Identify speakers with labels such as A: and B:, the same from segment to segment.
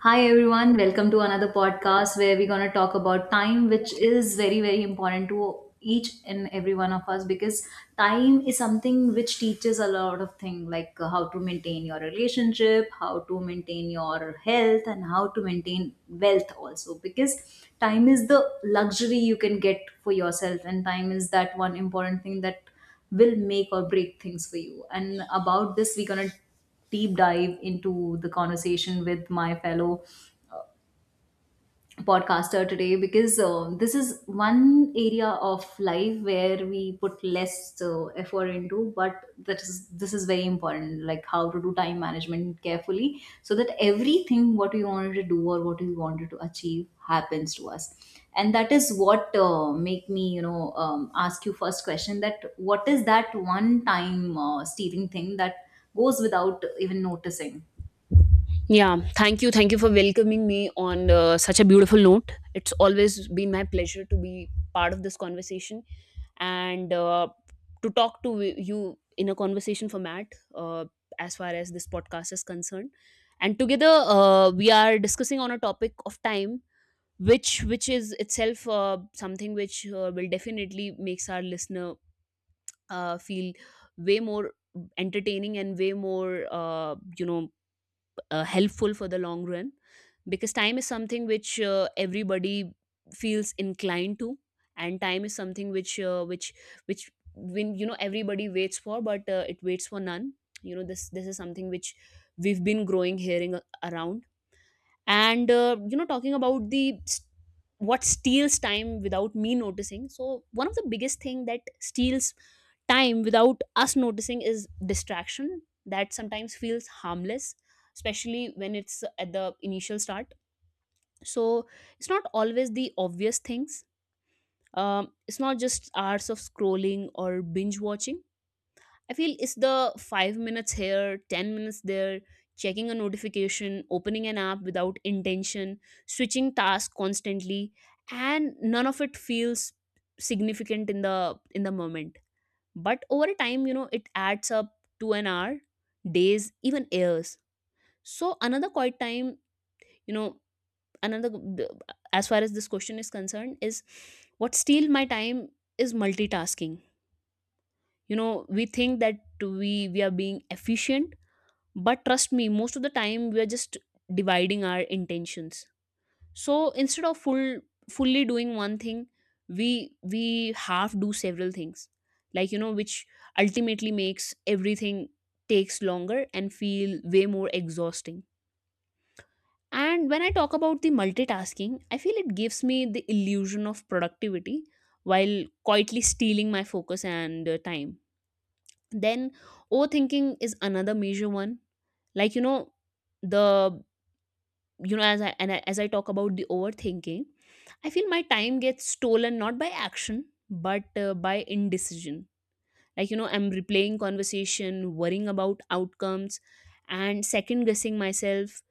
A: Hi everyone, welcome to another podcast where we're going to talk about time, which is very, very important to each and every one of us because time is something which teaches a lot of things like how to maintain your relationship, how to maintain your health, and how to maintain wealth also, because time is the luxury you can get for yourself, and time is that one important thing that will make or break things for you. And about this, we're going to deep dive into the conversation with my fellow podcaster today because this is one area of life where we put less effort into, but that is this is very important, like how to do time management carefully so that everything what we wanted to do or what we wanted to achieve happens to us. And that is what make me ask you first question, that what is that one time stealing thing that goes without even noticing.
B: Yeah, thank you. Thank you for welcoming me on such a beautiful note. It's always been my pleasure to be part of this conversation, and to talk to you in a conversation format uh, as far as this podcast is concerned. And together, we are discussing on a topic of time, which is itself something which will definitely makes our listener feel way more entertaining and way more helpful for the long run, because time is something which everybody feels inclined to, and time is something which when everybody waits for, but it waits for none. This is something which we've been growing hearing around, and talking about what steals time without me noticing. So one of the biggest thing that steals time without us noticing is distraction that sometimes feels harmless, especially when it's at the initial start. So it's not always the obvious things. It's not just hours of scrolling or binge watching. I feel it's the 5 minutes here, 10 minutes there, checking a notification, opening an app without intention, switching tasks constantly, and none of it feels significant in the moment. But over time, it adds up to an hour, days, even years. So another quiet time, you know, another as far as this question is concerned, is what steals my time is multitasking. You know, we think that we are being efficient. But trust me, most of the time we are just dividing our intentions. So instead of fully doing one thing, we half do several things. Like which ultimately makes everything takes longer and feel way more exhausting. And when I talk about the multitasking, I feel it gives me the illusion of productivity while quietly stealing my focus and time. Then overthinking is another major one. Like, the you know as I and as I talk about the overthinking, I feel my time gets stolen not by action but by indecision. Like I'm replaying conversation, worrying about outcomes, and second guessing myself.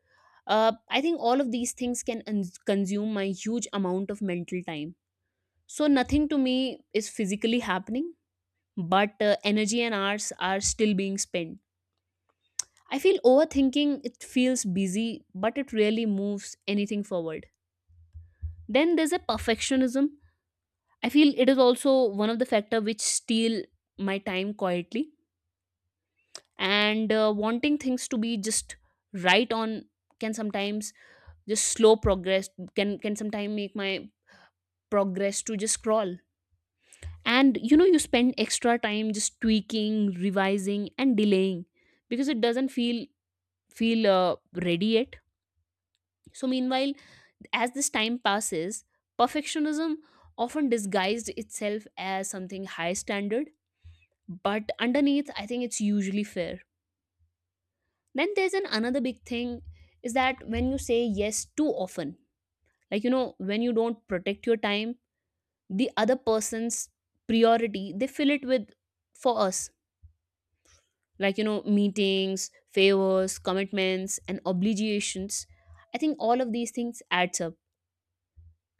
B: I think all of these things can consume my huge amount of mental time. So nothing to me is physically happening, but energy and hours are still being spent. I feel overthinking, it feels busy but it rarely moves anything forward. Then there's a perfectionism. I feel it is also one of the factor which steal my time quietly, and wanting things to be just right on can sometimes just slow progress, can sometimes make my progress to just crawl. And you spend extra time just tweaking, revising and delaying because it doesn't feel ready yet. So meanwhile, as this time passes, perfectionism often disguised itself as something high standard, but underneath I think it's usually fair. Then there's an another big thing, is that when you say yes too often. Like when you don't protect your time, the other person's priority they fill it with for us, like meetings, favors, commitments and obligations. I think all of these things adds up.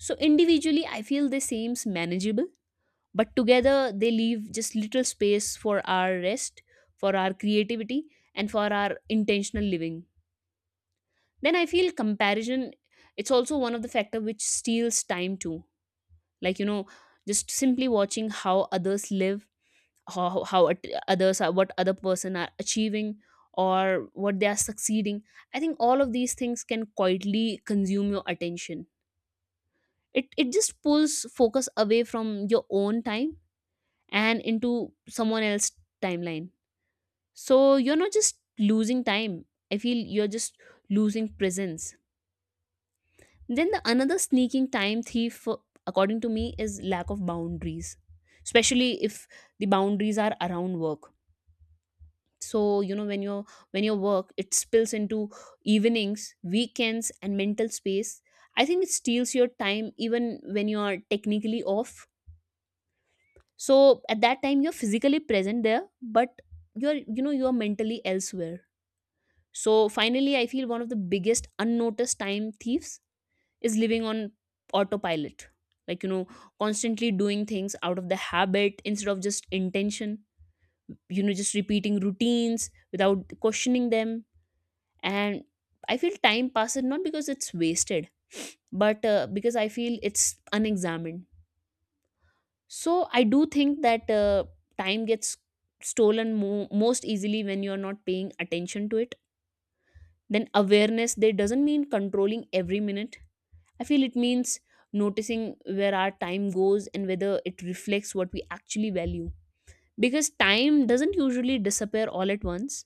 B: So individually I feel they seems manageable, but together they leave just little space for our rest, for our creativity, and for our intentional living. Then I feel comparison, it's also one of the factor which steals time too. Like just simply watching how others live, how others are, what other person are achieving or what they are succeeding. I think all of these things can quietly consume your attention. It just pulls focus away from your own time and into someone else's timeline. So you're not just losing time. I feel you're just losing presence. Then the another sneaking time thief, according to me, is lack of boundaries, especially if the boundaries are around work. So when your work it spills into evenings, weekends, and mental space. I think it steals your time even when you are technically off. So at that time you're physically present there, but you're you know you're mentally elsewhere. So finally, I feel one of the biggest unnoticed time thieves is living on autopilot, like constantly doing things out of the habit instead of just intention. Just repeating routines without questioning them. And I feel time passes not because it's wasted, but because I feel it's unexamined. So I do think that time gets stolen most easily when you are not paying attention to it. Then awareness they doesn't mean controlling every minute. I feel it means noticing where our time goes and whether it reflects what we actually value. Because time doesn't usually disappear all at once,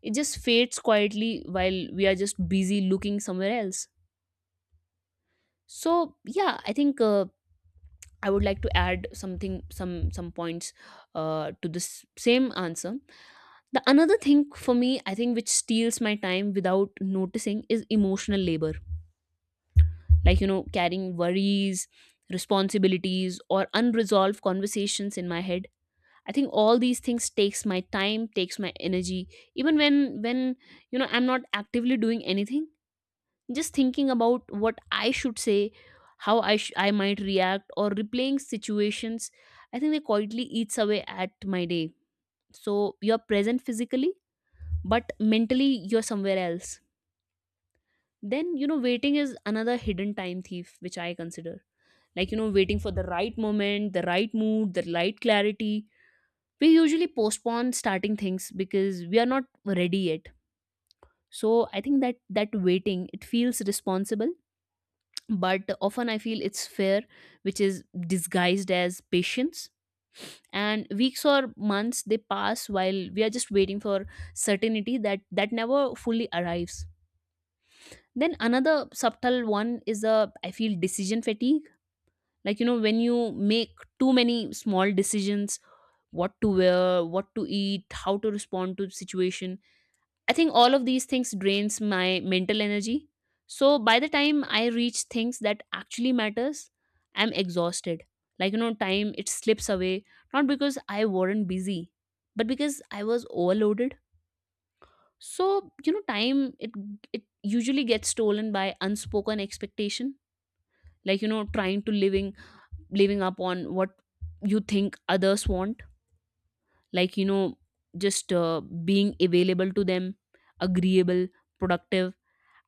B: it just fades quietly while we are just busy looking somewhere else. So, yeah, I think. I would like to add something, some points to this same answer. The another thing for me, I think, which steals my time without noticing is emotional labor, like carrying worries, responsibilities or unresolved conversations in my head. I think all these things takes my time, takes my energy, even when I'm not actively doing anything. Just thinking about what I should say, how I might react or replaying situations, I think they quietly eats away at my day. So you're present physically, but mentally you're somewhere else. Then waiting is another hidden time thief, which I consider. Like waiting for the right moment, the right mood, the right clarity, we usually postpone starting things because we are not ready yet. So I think that that waiting, it feels responsible, but often I feel it's fair, which is disguised as patience. And weeks or months they pass while we are just waiting for certainty that never fully arrives. Then another subtle one is a I feel decision fatigue. Like when you make too many small decisions, what to wear, what to eat, how to respond to the situation. I think all of these things drains my mental energy. So by the time I reach things that actually matters, I'm exhausted. Like time it slips away not because I weren't busy, but because I was overloaded. So time it usually gets stolen by unspoken expectation, like trying to living up on what you think others want, like you know just being available to them, agreeable, productive.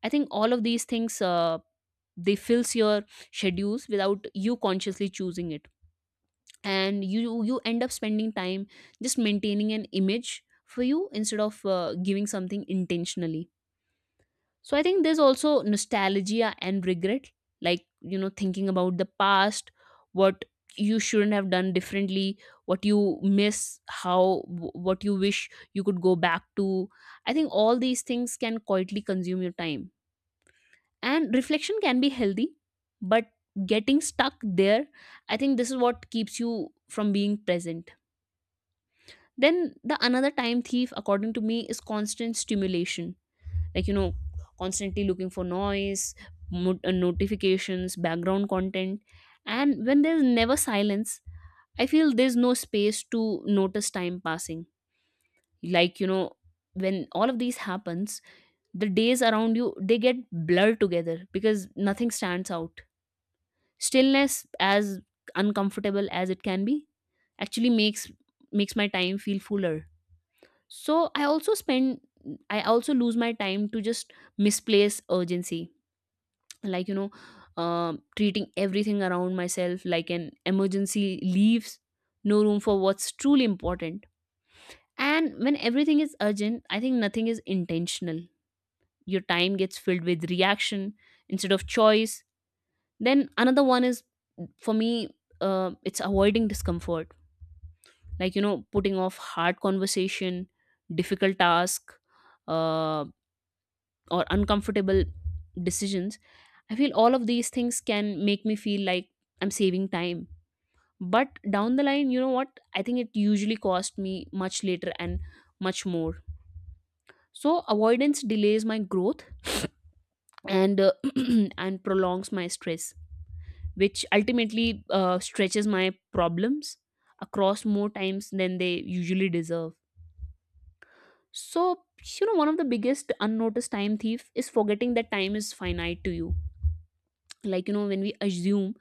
B: I think all of these things they fills your schedules without you consciously choosing it. And you end up spending time just maintaining an image for you instead of giving something intentionally. So I think there's also nostalgia and regret, like, thinking about the past, what you shouldn't have done differently, what you miss, what you wish you could go back to. I think all these things can quietly consume your time. And reflection can be healthy, but getting stuck there, I think this is what keeps you from being present. Then the another time thief, according to me, is constant stimulation, like constantly looking for noise, notifications, background content. And when there's never silence, I feel there's no space to notice time passing. Like when all of these happens, the days around you they get blurred together because nothing stands out. Stillness, as uncomfortable as it can be, actually makes my time feel fuller. So I also lose my time to just misplace urgency, like treating everything around myself like an emergency leaves no room for what's truly important. And when everything is urgent, I think nothing is intentional. Your time gets filled with reaction instead of choice. Then another one is, for me, it's avoiding discomfort, like putting off hard conversation, difficult task, uh, or uncomfortable decisions. I feel all of these things can make me feel like I'm saving time, but down the line, you know what, I think it usually cost me much later and much more. So avoidance delays my growth and and prolongs my stress, which ultimately stretches my problems across more times than they usually deserve. So one of the biggest unnoticed time thief is forgetting that time is finite to you. Like when we assume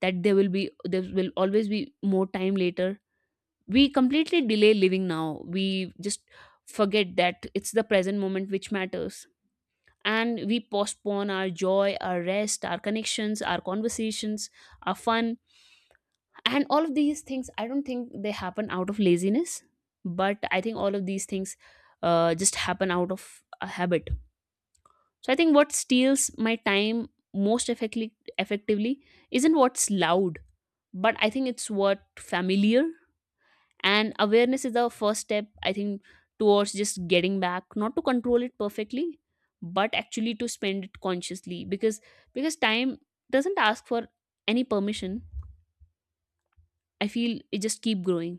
B: that there will always be more time later, we completely delay living now. We just forget that it's the present moment which matters. And we postpone our joy, our rest, our connections, our conversations, our fun. And all of these things, I don't think they happen out of laziness, but I think all of these Things just happen out of a habit. So I think what steals my time most effectively isn't what's loud, but I think it's what familiar. And awareness is the first step, I think, towards just getting back, not to control it perfectly, but actually to spend it consciously, because time doesn't ask for any permission. I feel it just keep growing.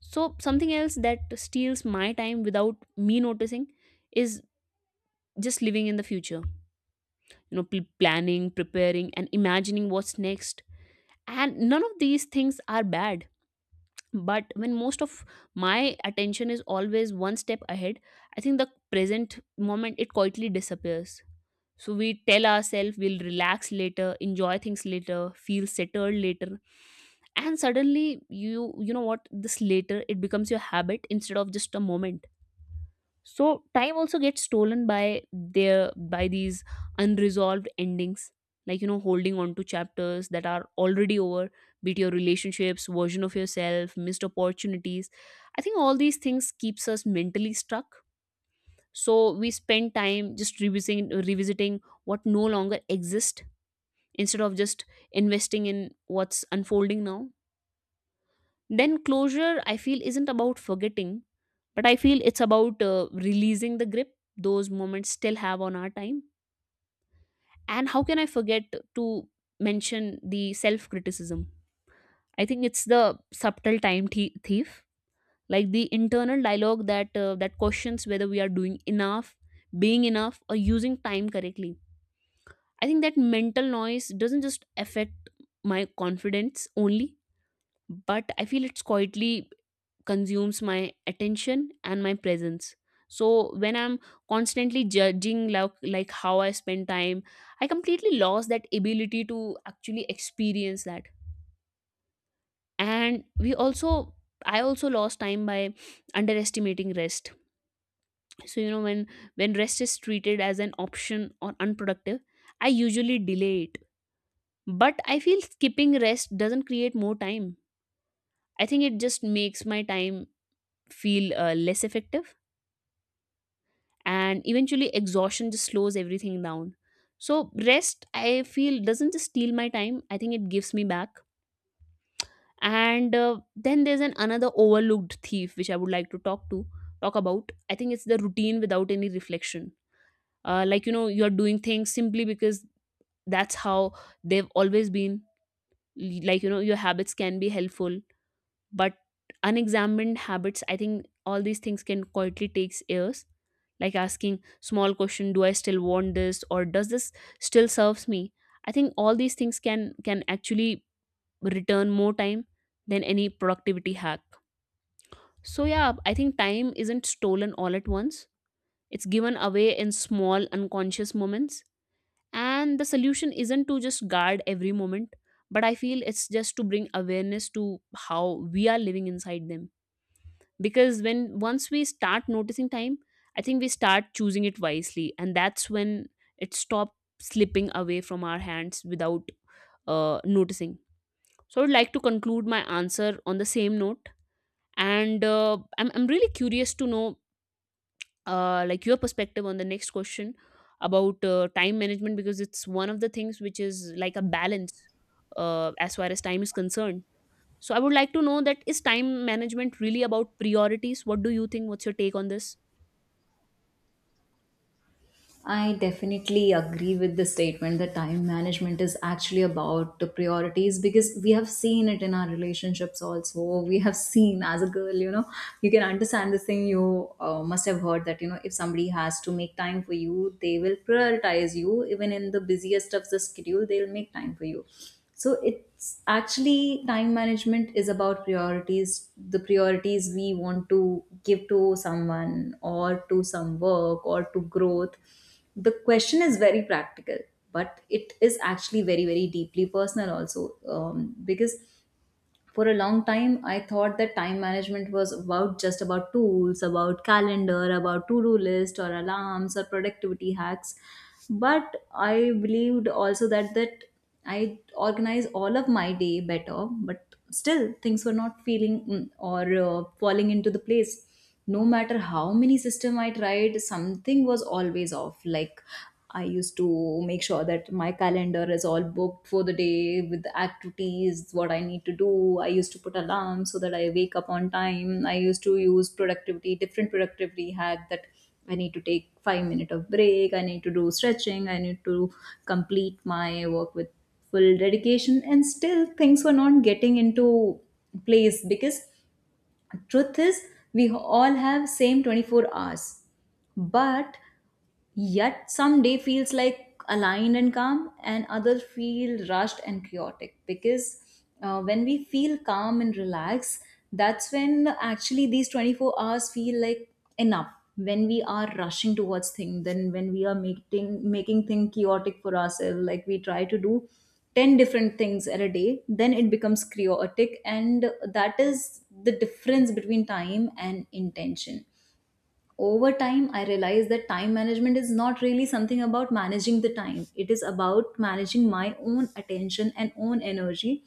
B: So something else that steals my time without me noticing is just living in the future, you know, planning, preparing and imagining what's next. And none of these things are bad, but when most of my attention is always one step ahead, I think the present moment it quietly disappears. So we tell ourselves we'll relax later, enjoy things later, feel settled later, and suddenly you know what, this later it becomes your habit instead of just a moment. So time also gets stolen by their by these unresolved endings, like, you know, holding on to chapters that are already over, be it your relationships, version of yourself, missed opportunities. I think all these things keeps us mentally stuck, so we spend time just revisiting what no longer exists instead of just investing in what's unfolding now. Then closure, I feel, isn't about forgetting, but I feel it's about releasing the grip those moments still have on our time. And how can I forget to mention the self criticism? I think it's the subtle time thief, like the internal dialogue that questions whether we are doing enough, being enough, or using time correctly. I think that mental noise doesn't just affect my confidence only, but I feel it's quietly consumes my attention and my presence. So when I'm constantly judging like how I spend time, I completely lost that ability to actually experience that. And we also, I also lost time by underestimating rest. So you know, when rest is treated as an option or unproductive, I usually delay it. But I feel skipping rest doesn't create more time. I think it just makes my time feel less effective, and eventually exhaustion just slows everything down. So rest, I feel, doesn't just steal my time, I think it gives me back. And then there's an another overlooked thief which I would like to talk about. I think it's the routine without any reflection, like, you know, you're doing things simply because that's how they've always been. Like, you know, your habits can be helpful, but unexamined habits, I think all these things can quietly takes years. Like asking small question, do I still want this, or does this still serves me? I think all these things can actually return more time than any productivity hack. So yeah, I think time isn't stolen all at once, it's given away in small unconscious moments. And the solution isn't to just guard every moment, but I feel it's just to bring awareness to how we are living inside them. Because when once we start noticing time, I think we start choosing it wisely, and that's when it stops slipping away from our hands without noticing. So I would like to conclude my answer on the same note. And I'm really curious to know like your perspective on the next question about time management, because it's one of the things which is like a balance as far as time is concerned. So I would like to know, that is time management really about priorities? What do you think? What's your take on this?
A: I definitely agree with the statement that time management is actually about the priorities, because we have seen it in our relationships also. We have seen, as a girl, you know, you can understand this thing. You must have heard that, you know, if somebody has to make time for you, they will prioritize you. Even in the busiest of the schedule, they'll make time for you. So it's actually, time management is about priorities, the priorities we want to give to someone or to some work or to growth. The question is very practical, but it is actually very, very deeply personal also, because for a long time I thought that time management was about just about tools, about calendar, about to-do list or alarms or productivity hacks. But I believed also that I organize all of my day better, but still things were not feeling mm, or falling into the place. No matter how many system I tried, something was always off. Like, I used to make sure that my calendar is all booked for the day with the activities what I need to do. I used to put alarms so that I wake up on time. I used to use productivity, different productivity hack, that I need to take 5 minutes minute of break, I need to do stretching, I need to complete my work with full dedication, and still things were not getting into place. Because truth is, we all have same 24 hours, but yet some day feels like aligned and calm, and other feel rushed and chaotic. Because when we feel calm and relaxed, that's when actually these 24 hours feel like enough. When we are rushing towards things, then when we are making things chaotic for ourselves, like we try to do 10 different things at a day, then it becomes chaotic, and that is the difference between time and intention. Over time, I realized that time management is not really something about managing the time. It is about managing my own attention and own energy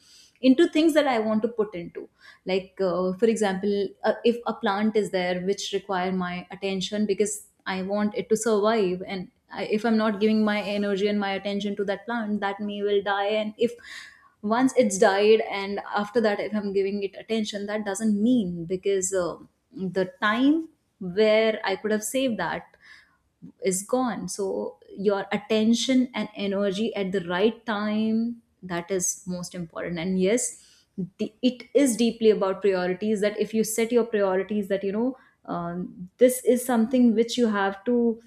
A: into things that I want to put into. Like, for example, if a plant is there which require my attention because I want it to survive, and if I'm not giving my energy and my attention to that plant, that may will die. And if once it's died, and after that if I'm giving it attention, that doesn't mean, because the time where I could have saved that is gone. So your attention and energy at the right time, that is most important. And yes, it is deeply about priorities. That if you set your priorities, that you know, this is something which you have to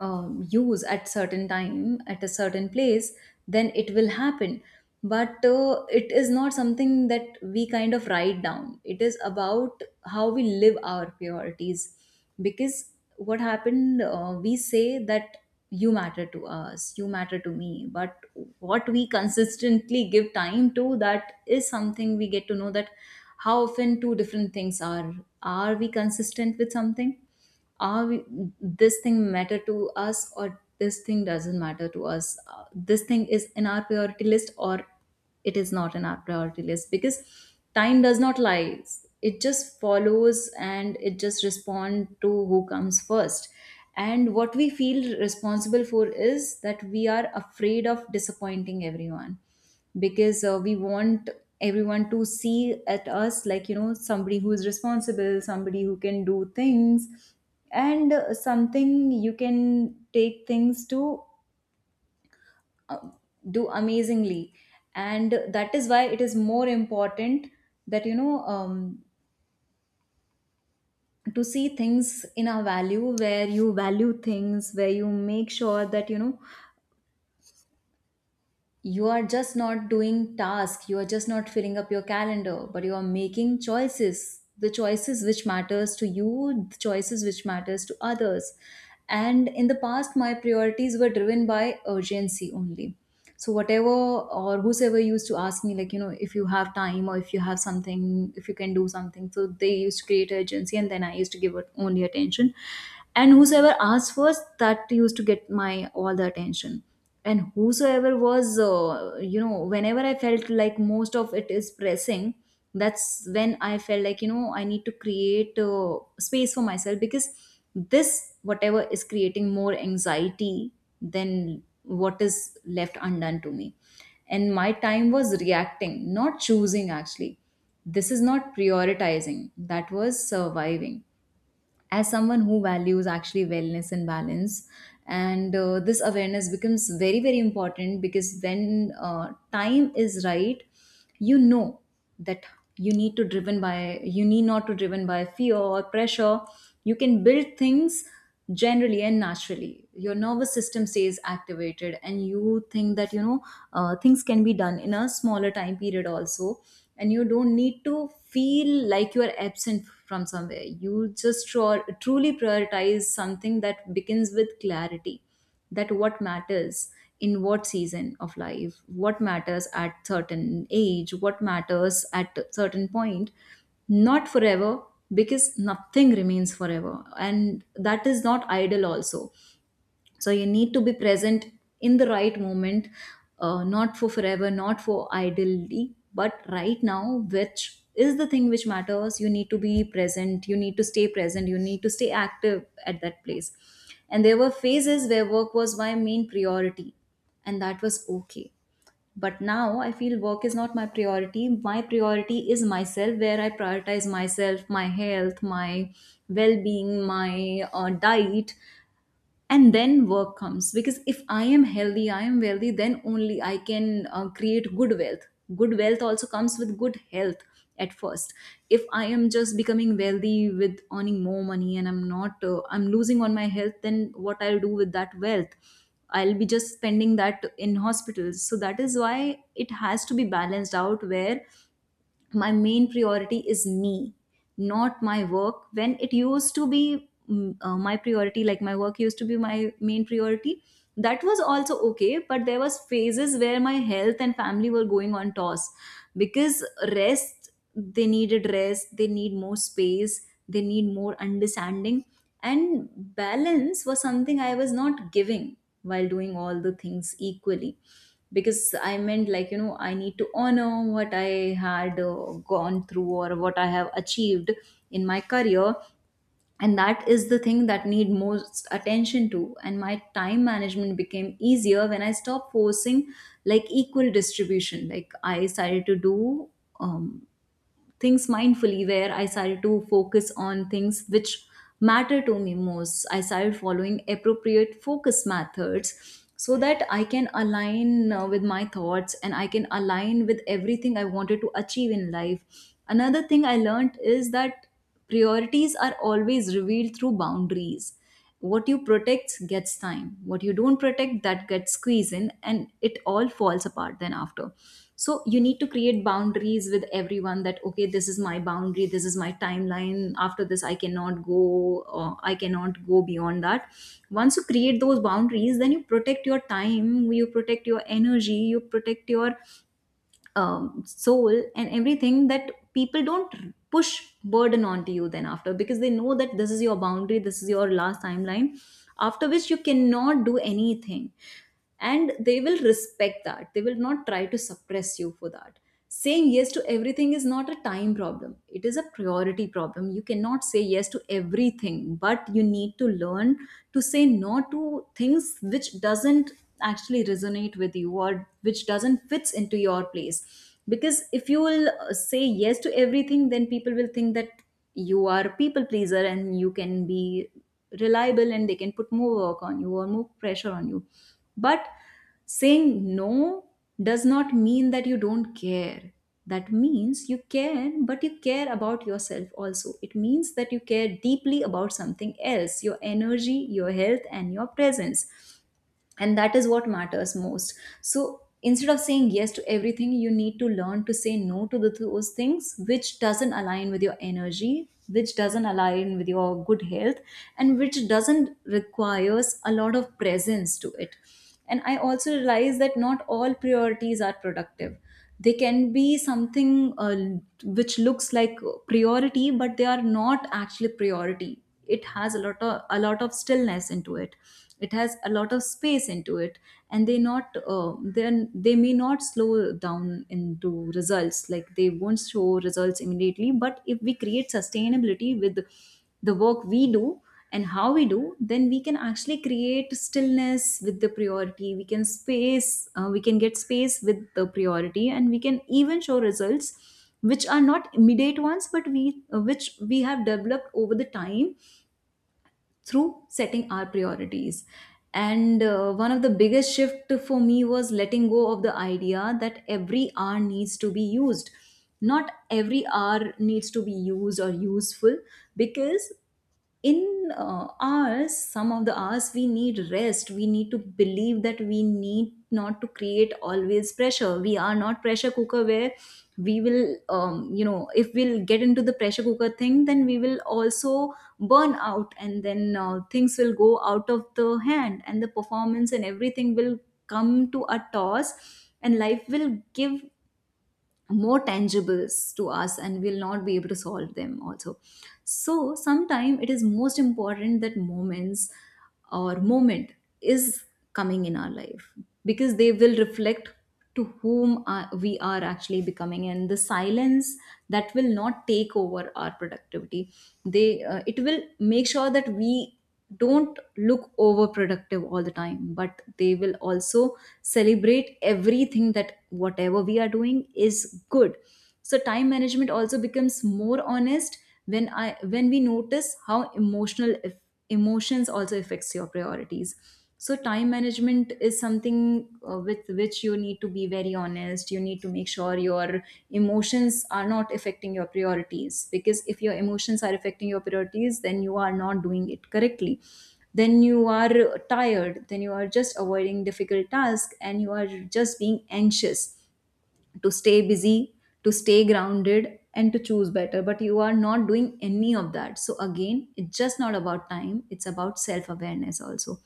A: use at certain time, at a certain place, then it will happen. But it is not something that we kind of write down. It is about how we live our priorities. Because what happened, we say that you matter to us, you matter to me, but what we consistently give time to, that is something we get to know that how often two different things are we consistent with something? are we, this thing matter to us, or this thing doesn't matter to us? This thing is in our priority list, or it is not in our priority list. Because time does not lie, it just follows and it just respond to who comes first. And what we feel responsible for is that we are afraid of disappointing everyone, because we want everyone to see at us like, you know, somebody who is responsible, somebody who can do things, and something you can take things to uh, do amazingly. And that is why it is more important, that you know, to see things in a value, where you value things, where you make sure that you know you are just not doing tasks, you are just not filling up your calendar, but you are making choices, the choices which matters to you, the choices which matters to others. And in the past, my priorities were driven by urgency only. So whatever or whosoever used to ask me, like, you know, if you have time or if you have something, if you can do something, so they used to create urgency, and then I used to give it only attention. And whosoever asked first, that used to get my all the attention. And whosoever was, you know, whenever I felt like most of it is pressing, that's when I felt like, you know, I need to create space for myself. Because this, whatever is creating more anxiety than what is left undone to me, and my time was reacting, not choosing. Actually, this is not prioritizing, that was surviving, as someone who values actually wellness and balance. And this awareness becomes very, very important. Because when time is right, you know, that you need to driven by, you need not to driven by fear or pressure, you can build things generally and naturally, your nervous system stays activated, and you think that, you know, things can be done in a smaller time period also. And you don't need to feel like you are absent from somewhere. You just truly prioritize something that begins with clarity, that what matters, in what season of life, what matters at certain age, what matters at a certain point, not forever, because nothing remains forever, and that is not idle also. So you need to be present in the right moment, not for forever, not for idly, but right now, which is the thing which matters. You need to be present, you need to stay present, you need to stay active at that place. And there were phases where work was my main priority, and that was okay. But now I feel work is not my priority, my priority is myself, where I prioritize myself, my health, my well-being, my diet, and then work comes. Because if I am healthy, I am wealthy, then only I can create good wealth. Good wealth also comes with good health at first. If I am just becoming wealthy with earning more money, and I'm not I'm losing on my health, then what I'll do with that wealth? I'll be just spending that in hospitals. So that is why it has to be balanced out, where my main priority is me, not my work. When it used to be my priority, like my work used to be my main priority, that was also okay, but there was phases where my health and family were going on toss. Because rest, they needed rest, they need more space, they need more understanding, and balance was something I was not giving, while doing all the things equally. Because I meant like, you know, I need to honor what I had gone through, or what I have achieved in my career, and that is the thing that need most attention to. And my time management became easier when I stopped forcing, like, equal distribution. Like, I started to do um, things mindfully, where I started to focus on things which matter to me most. I started following appropriate focus methods so that I can align with my thoughts, and I can align with everything I wanted to achieve in life. Another thing I learned is that priorities are always revealed through boundaries. What you protect gets time. What you don't protect, that gets squeezed in, and it all falls apart then after. So you need to create boundaries with everyone, that okay, this is my boundary, this is my timeline. After this, I cannot go, or I cannot go beyond that. Once you create those boundaries, then you protect your time, you protect your energy, you protect your soul and everything, that people don't push burden onto you then after, because they know that this is your boundary, this is your last timeline after which you cannot do anything, and they will respect that. They will not try to suppress you for that. Saying yes to everything is not a time problem, it is a priority problem. You cannot say yes to everything, but you need to learn to say no to things which doesn't actually resonate with you or which doesn't fits into your place. Because if you will say yes to everything, then people will think that you are a people pleaser and you can be reliable, and they can put more work on you or more pressure on you. But saying no does not mean that you don't care. That means you care, but you care about yourself also. It means that you care deeply about something else, your energy, your health, and your presence, and that is what matters most. So instead of saying yes to everything, you need to learn to say no to those things which doesn't align with your energy, which doesn't align with your good health, and which doesn't requires a lot of presence to it. And I also realize that not all priorities are productive. They can be something which looks like priority, but they are not actually priority. It has a lot of stillness into it. It has a lot of space into it. And they not then they may not slow down into results, like they won't show results immediately. But if we create sustainability with the work we do and how we do, then we can actually create stillness with the priority. We can space we can get space with the priority, and we can even show results which are not immediate ones, but we which we have developed over the time through setting our priorities. And one of the biggest shift for me was letting go of the idea that every hour needs to be used. Not every hour needs to be used or useful. Because in hours some of the hours we need rest. We need to believe that we need not to create always pressure. We are not pressure cooker where we will you know, if we'll get into the pressure cooker thing, then we will also burn out, and then things will go out of the hand and the performance and everything will come to a toss, and life will give more tangibles to us, and we'll not be able to solve them also. So sometimes it is most important that moments or moment is coming in our life, because they will reflect to we are actually becoming. And the silence that will not take over our productivity, they it will make sure that we don't look overproductive all the time, but they will also celebrate everything that whatever we are doing is good. So time management also becomes more honest when I when we notice how emotional emotions also affects your priorities. So time management is something with which you need to be very honest. You need to make sure your emotions are not affecting your priorities, because if your emotions are affecting your priorities, then you are not doing it correctly. Then you are tired, then you are just avoiding difficult tasks, and you are just being anxious to stay busy, to stay grounded, and to choose better. But you are not doing any of that. So, again, it's just not about time, it's about self awareness also.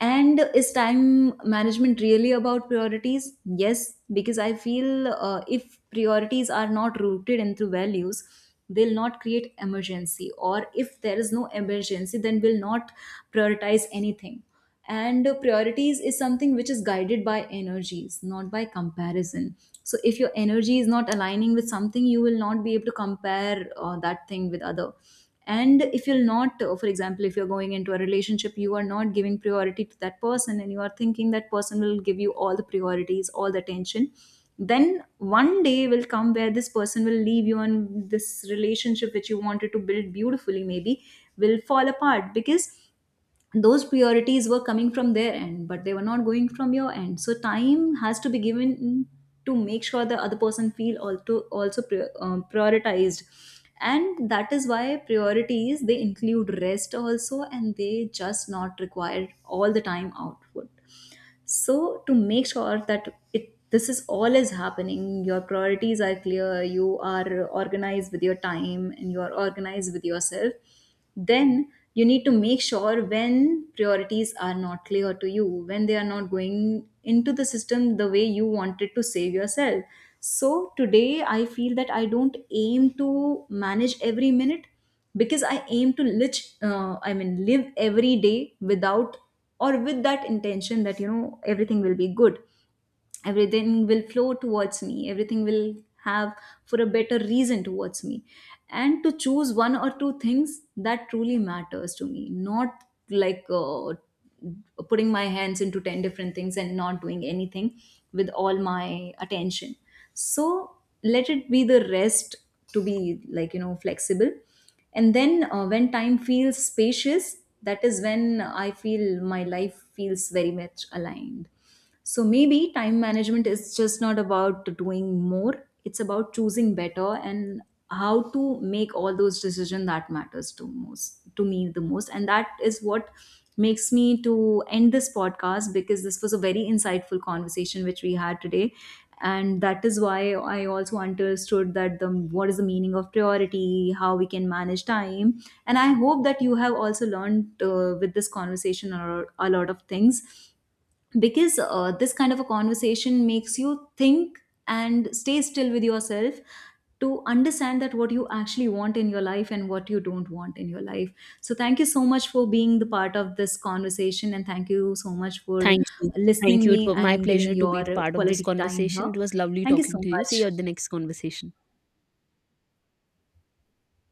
A: And is time management really about priorities? Yes, because I feel if priorities are not rooted into values, will not create emergency. Or if there is no emergency, then will not prioritize anything. And priorities is something which is guided by energies, not by comparison. So if your energy is not aligning with something, you will not be able to compare that thing with other. And if you're not for example, if you're going into a relationship, you are not giving priority to that person, and you are thinking that person will give you all the priorities, all the attention, then one day will come where this person will leave you, and this relationship which you wanted to build beautifully maybe will fall apart, because those priorities were coming from their end, but they were not going from your end. So time has to be given to make sure the other person feel also prioritized. And that is why priorities, they include rest also, and they just not require all the time output. So to make sure that it this is all is happening, your priorities are clear, you are organized with your time, and you are organized with yourself. Then you need to make sure when priorities are not clear to you, when they are not going into the system, the way you wanted to save yourself. So today I feel that I don't aim to manage every minute, because I aim to live every day without, or with that intention that, you know, everything will be good, everything will flow towards me, everything will have for a better reason towards me. And to choose one or two things that truly matters to me, not like putting my hands into 10 different things and not doing anything with all my attention. So let it be the rest to be, like, you know, flexible. And then when time feels spacious, that is when I feel my life feels very much aligned. So maybe time management is just not about doing more, it's about choosing better, and how to make all those decisions that matters to most to me the most. And that is what makes me to end this podcast, because this was a very insightful conversation which we had today. And that is why I also understood that the what is the meaning of priority, how we can manage time. And I hope that you have also learned with this conversation or a lot of things, because this kind of a conversation makes you think and stay still with yourself to understand that what you actually want in your life and what you don't want in your life. So thank you so much for being the part of this conversation, and thank you so much for
B: Thank you. Thank
A: listening
B: you. It
A: me
B: was my
A: and giving
B: pleasure to be the
A: your
B: part of this
A: quality time
B: conversation.
A: here.
B: It was lovely
A: Thank you
B: talking
A: so
B: to you. See you
A: much.
B: at the next conversation.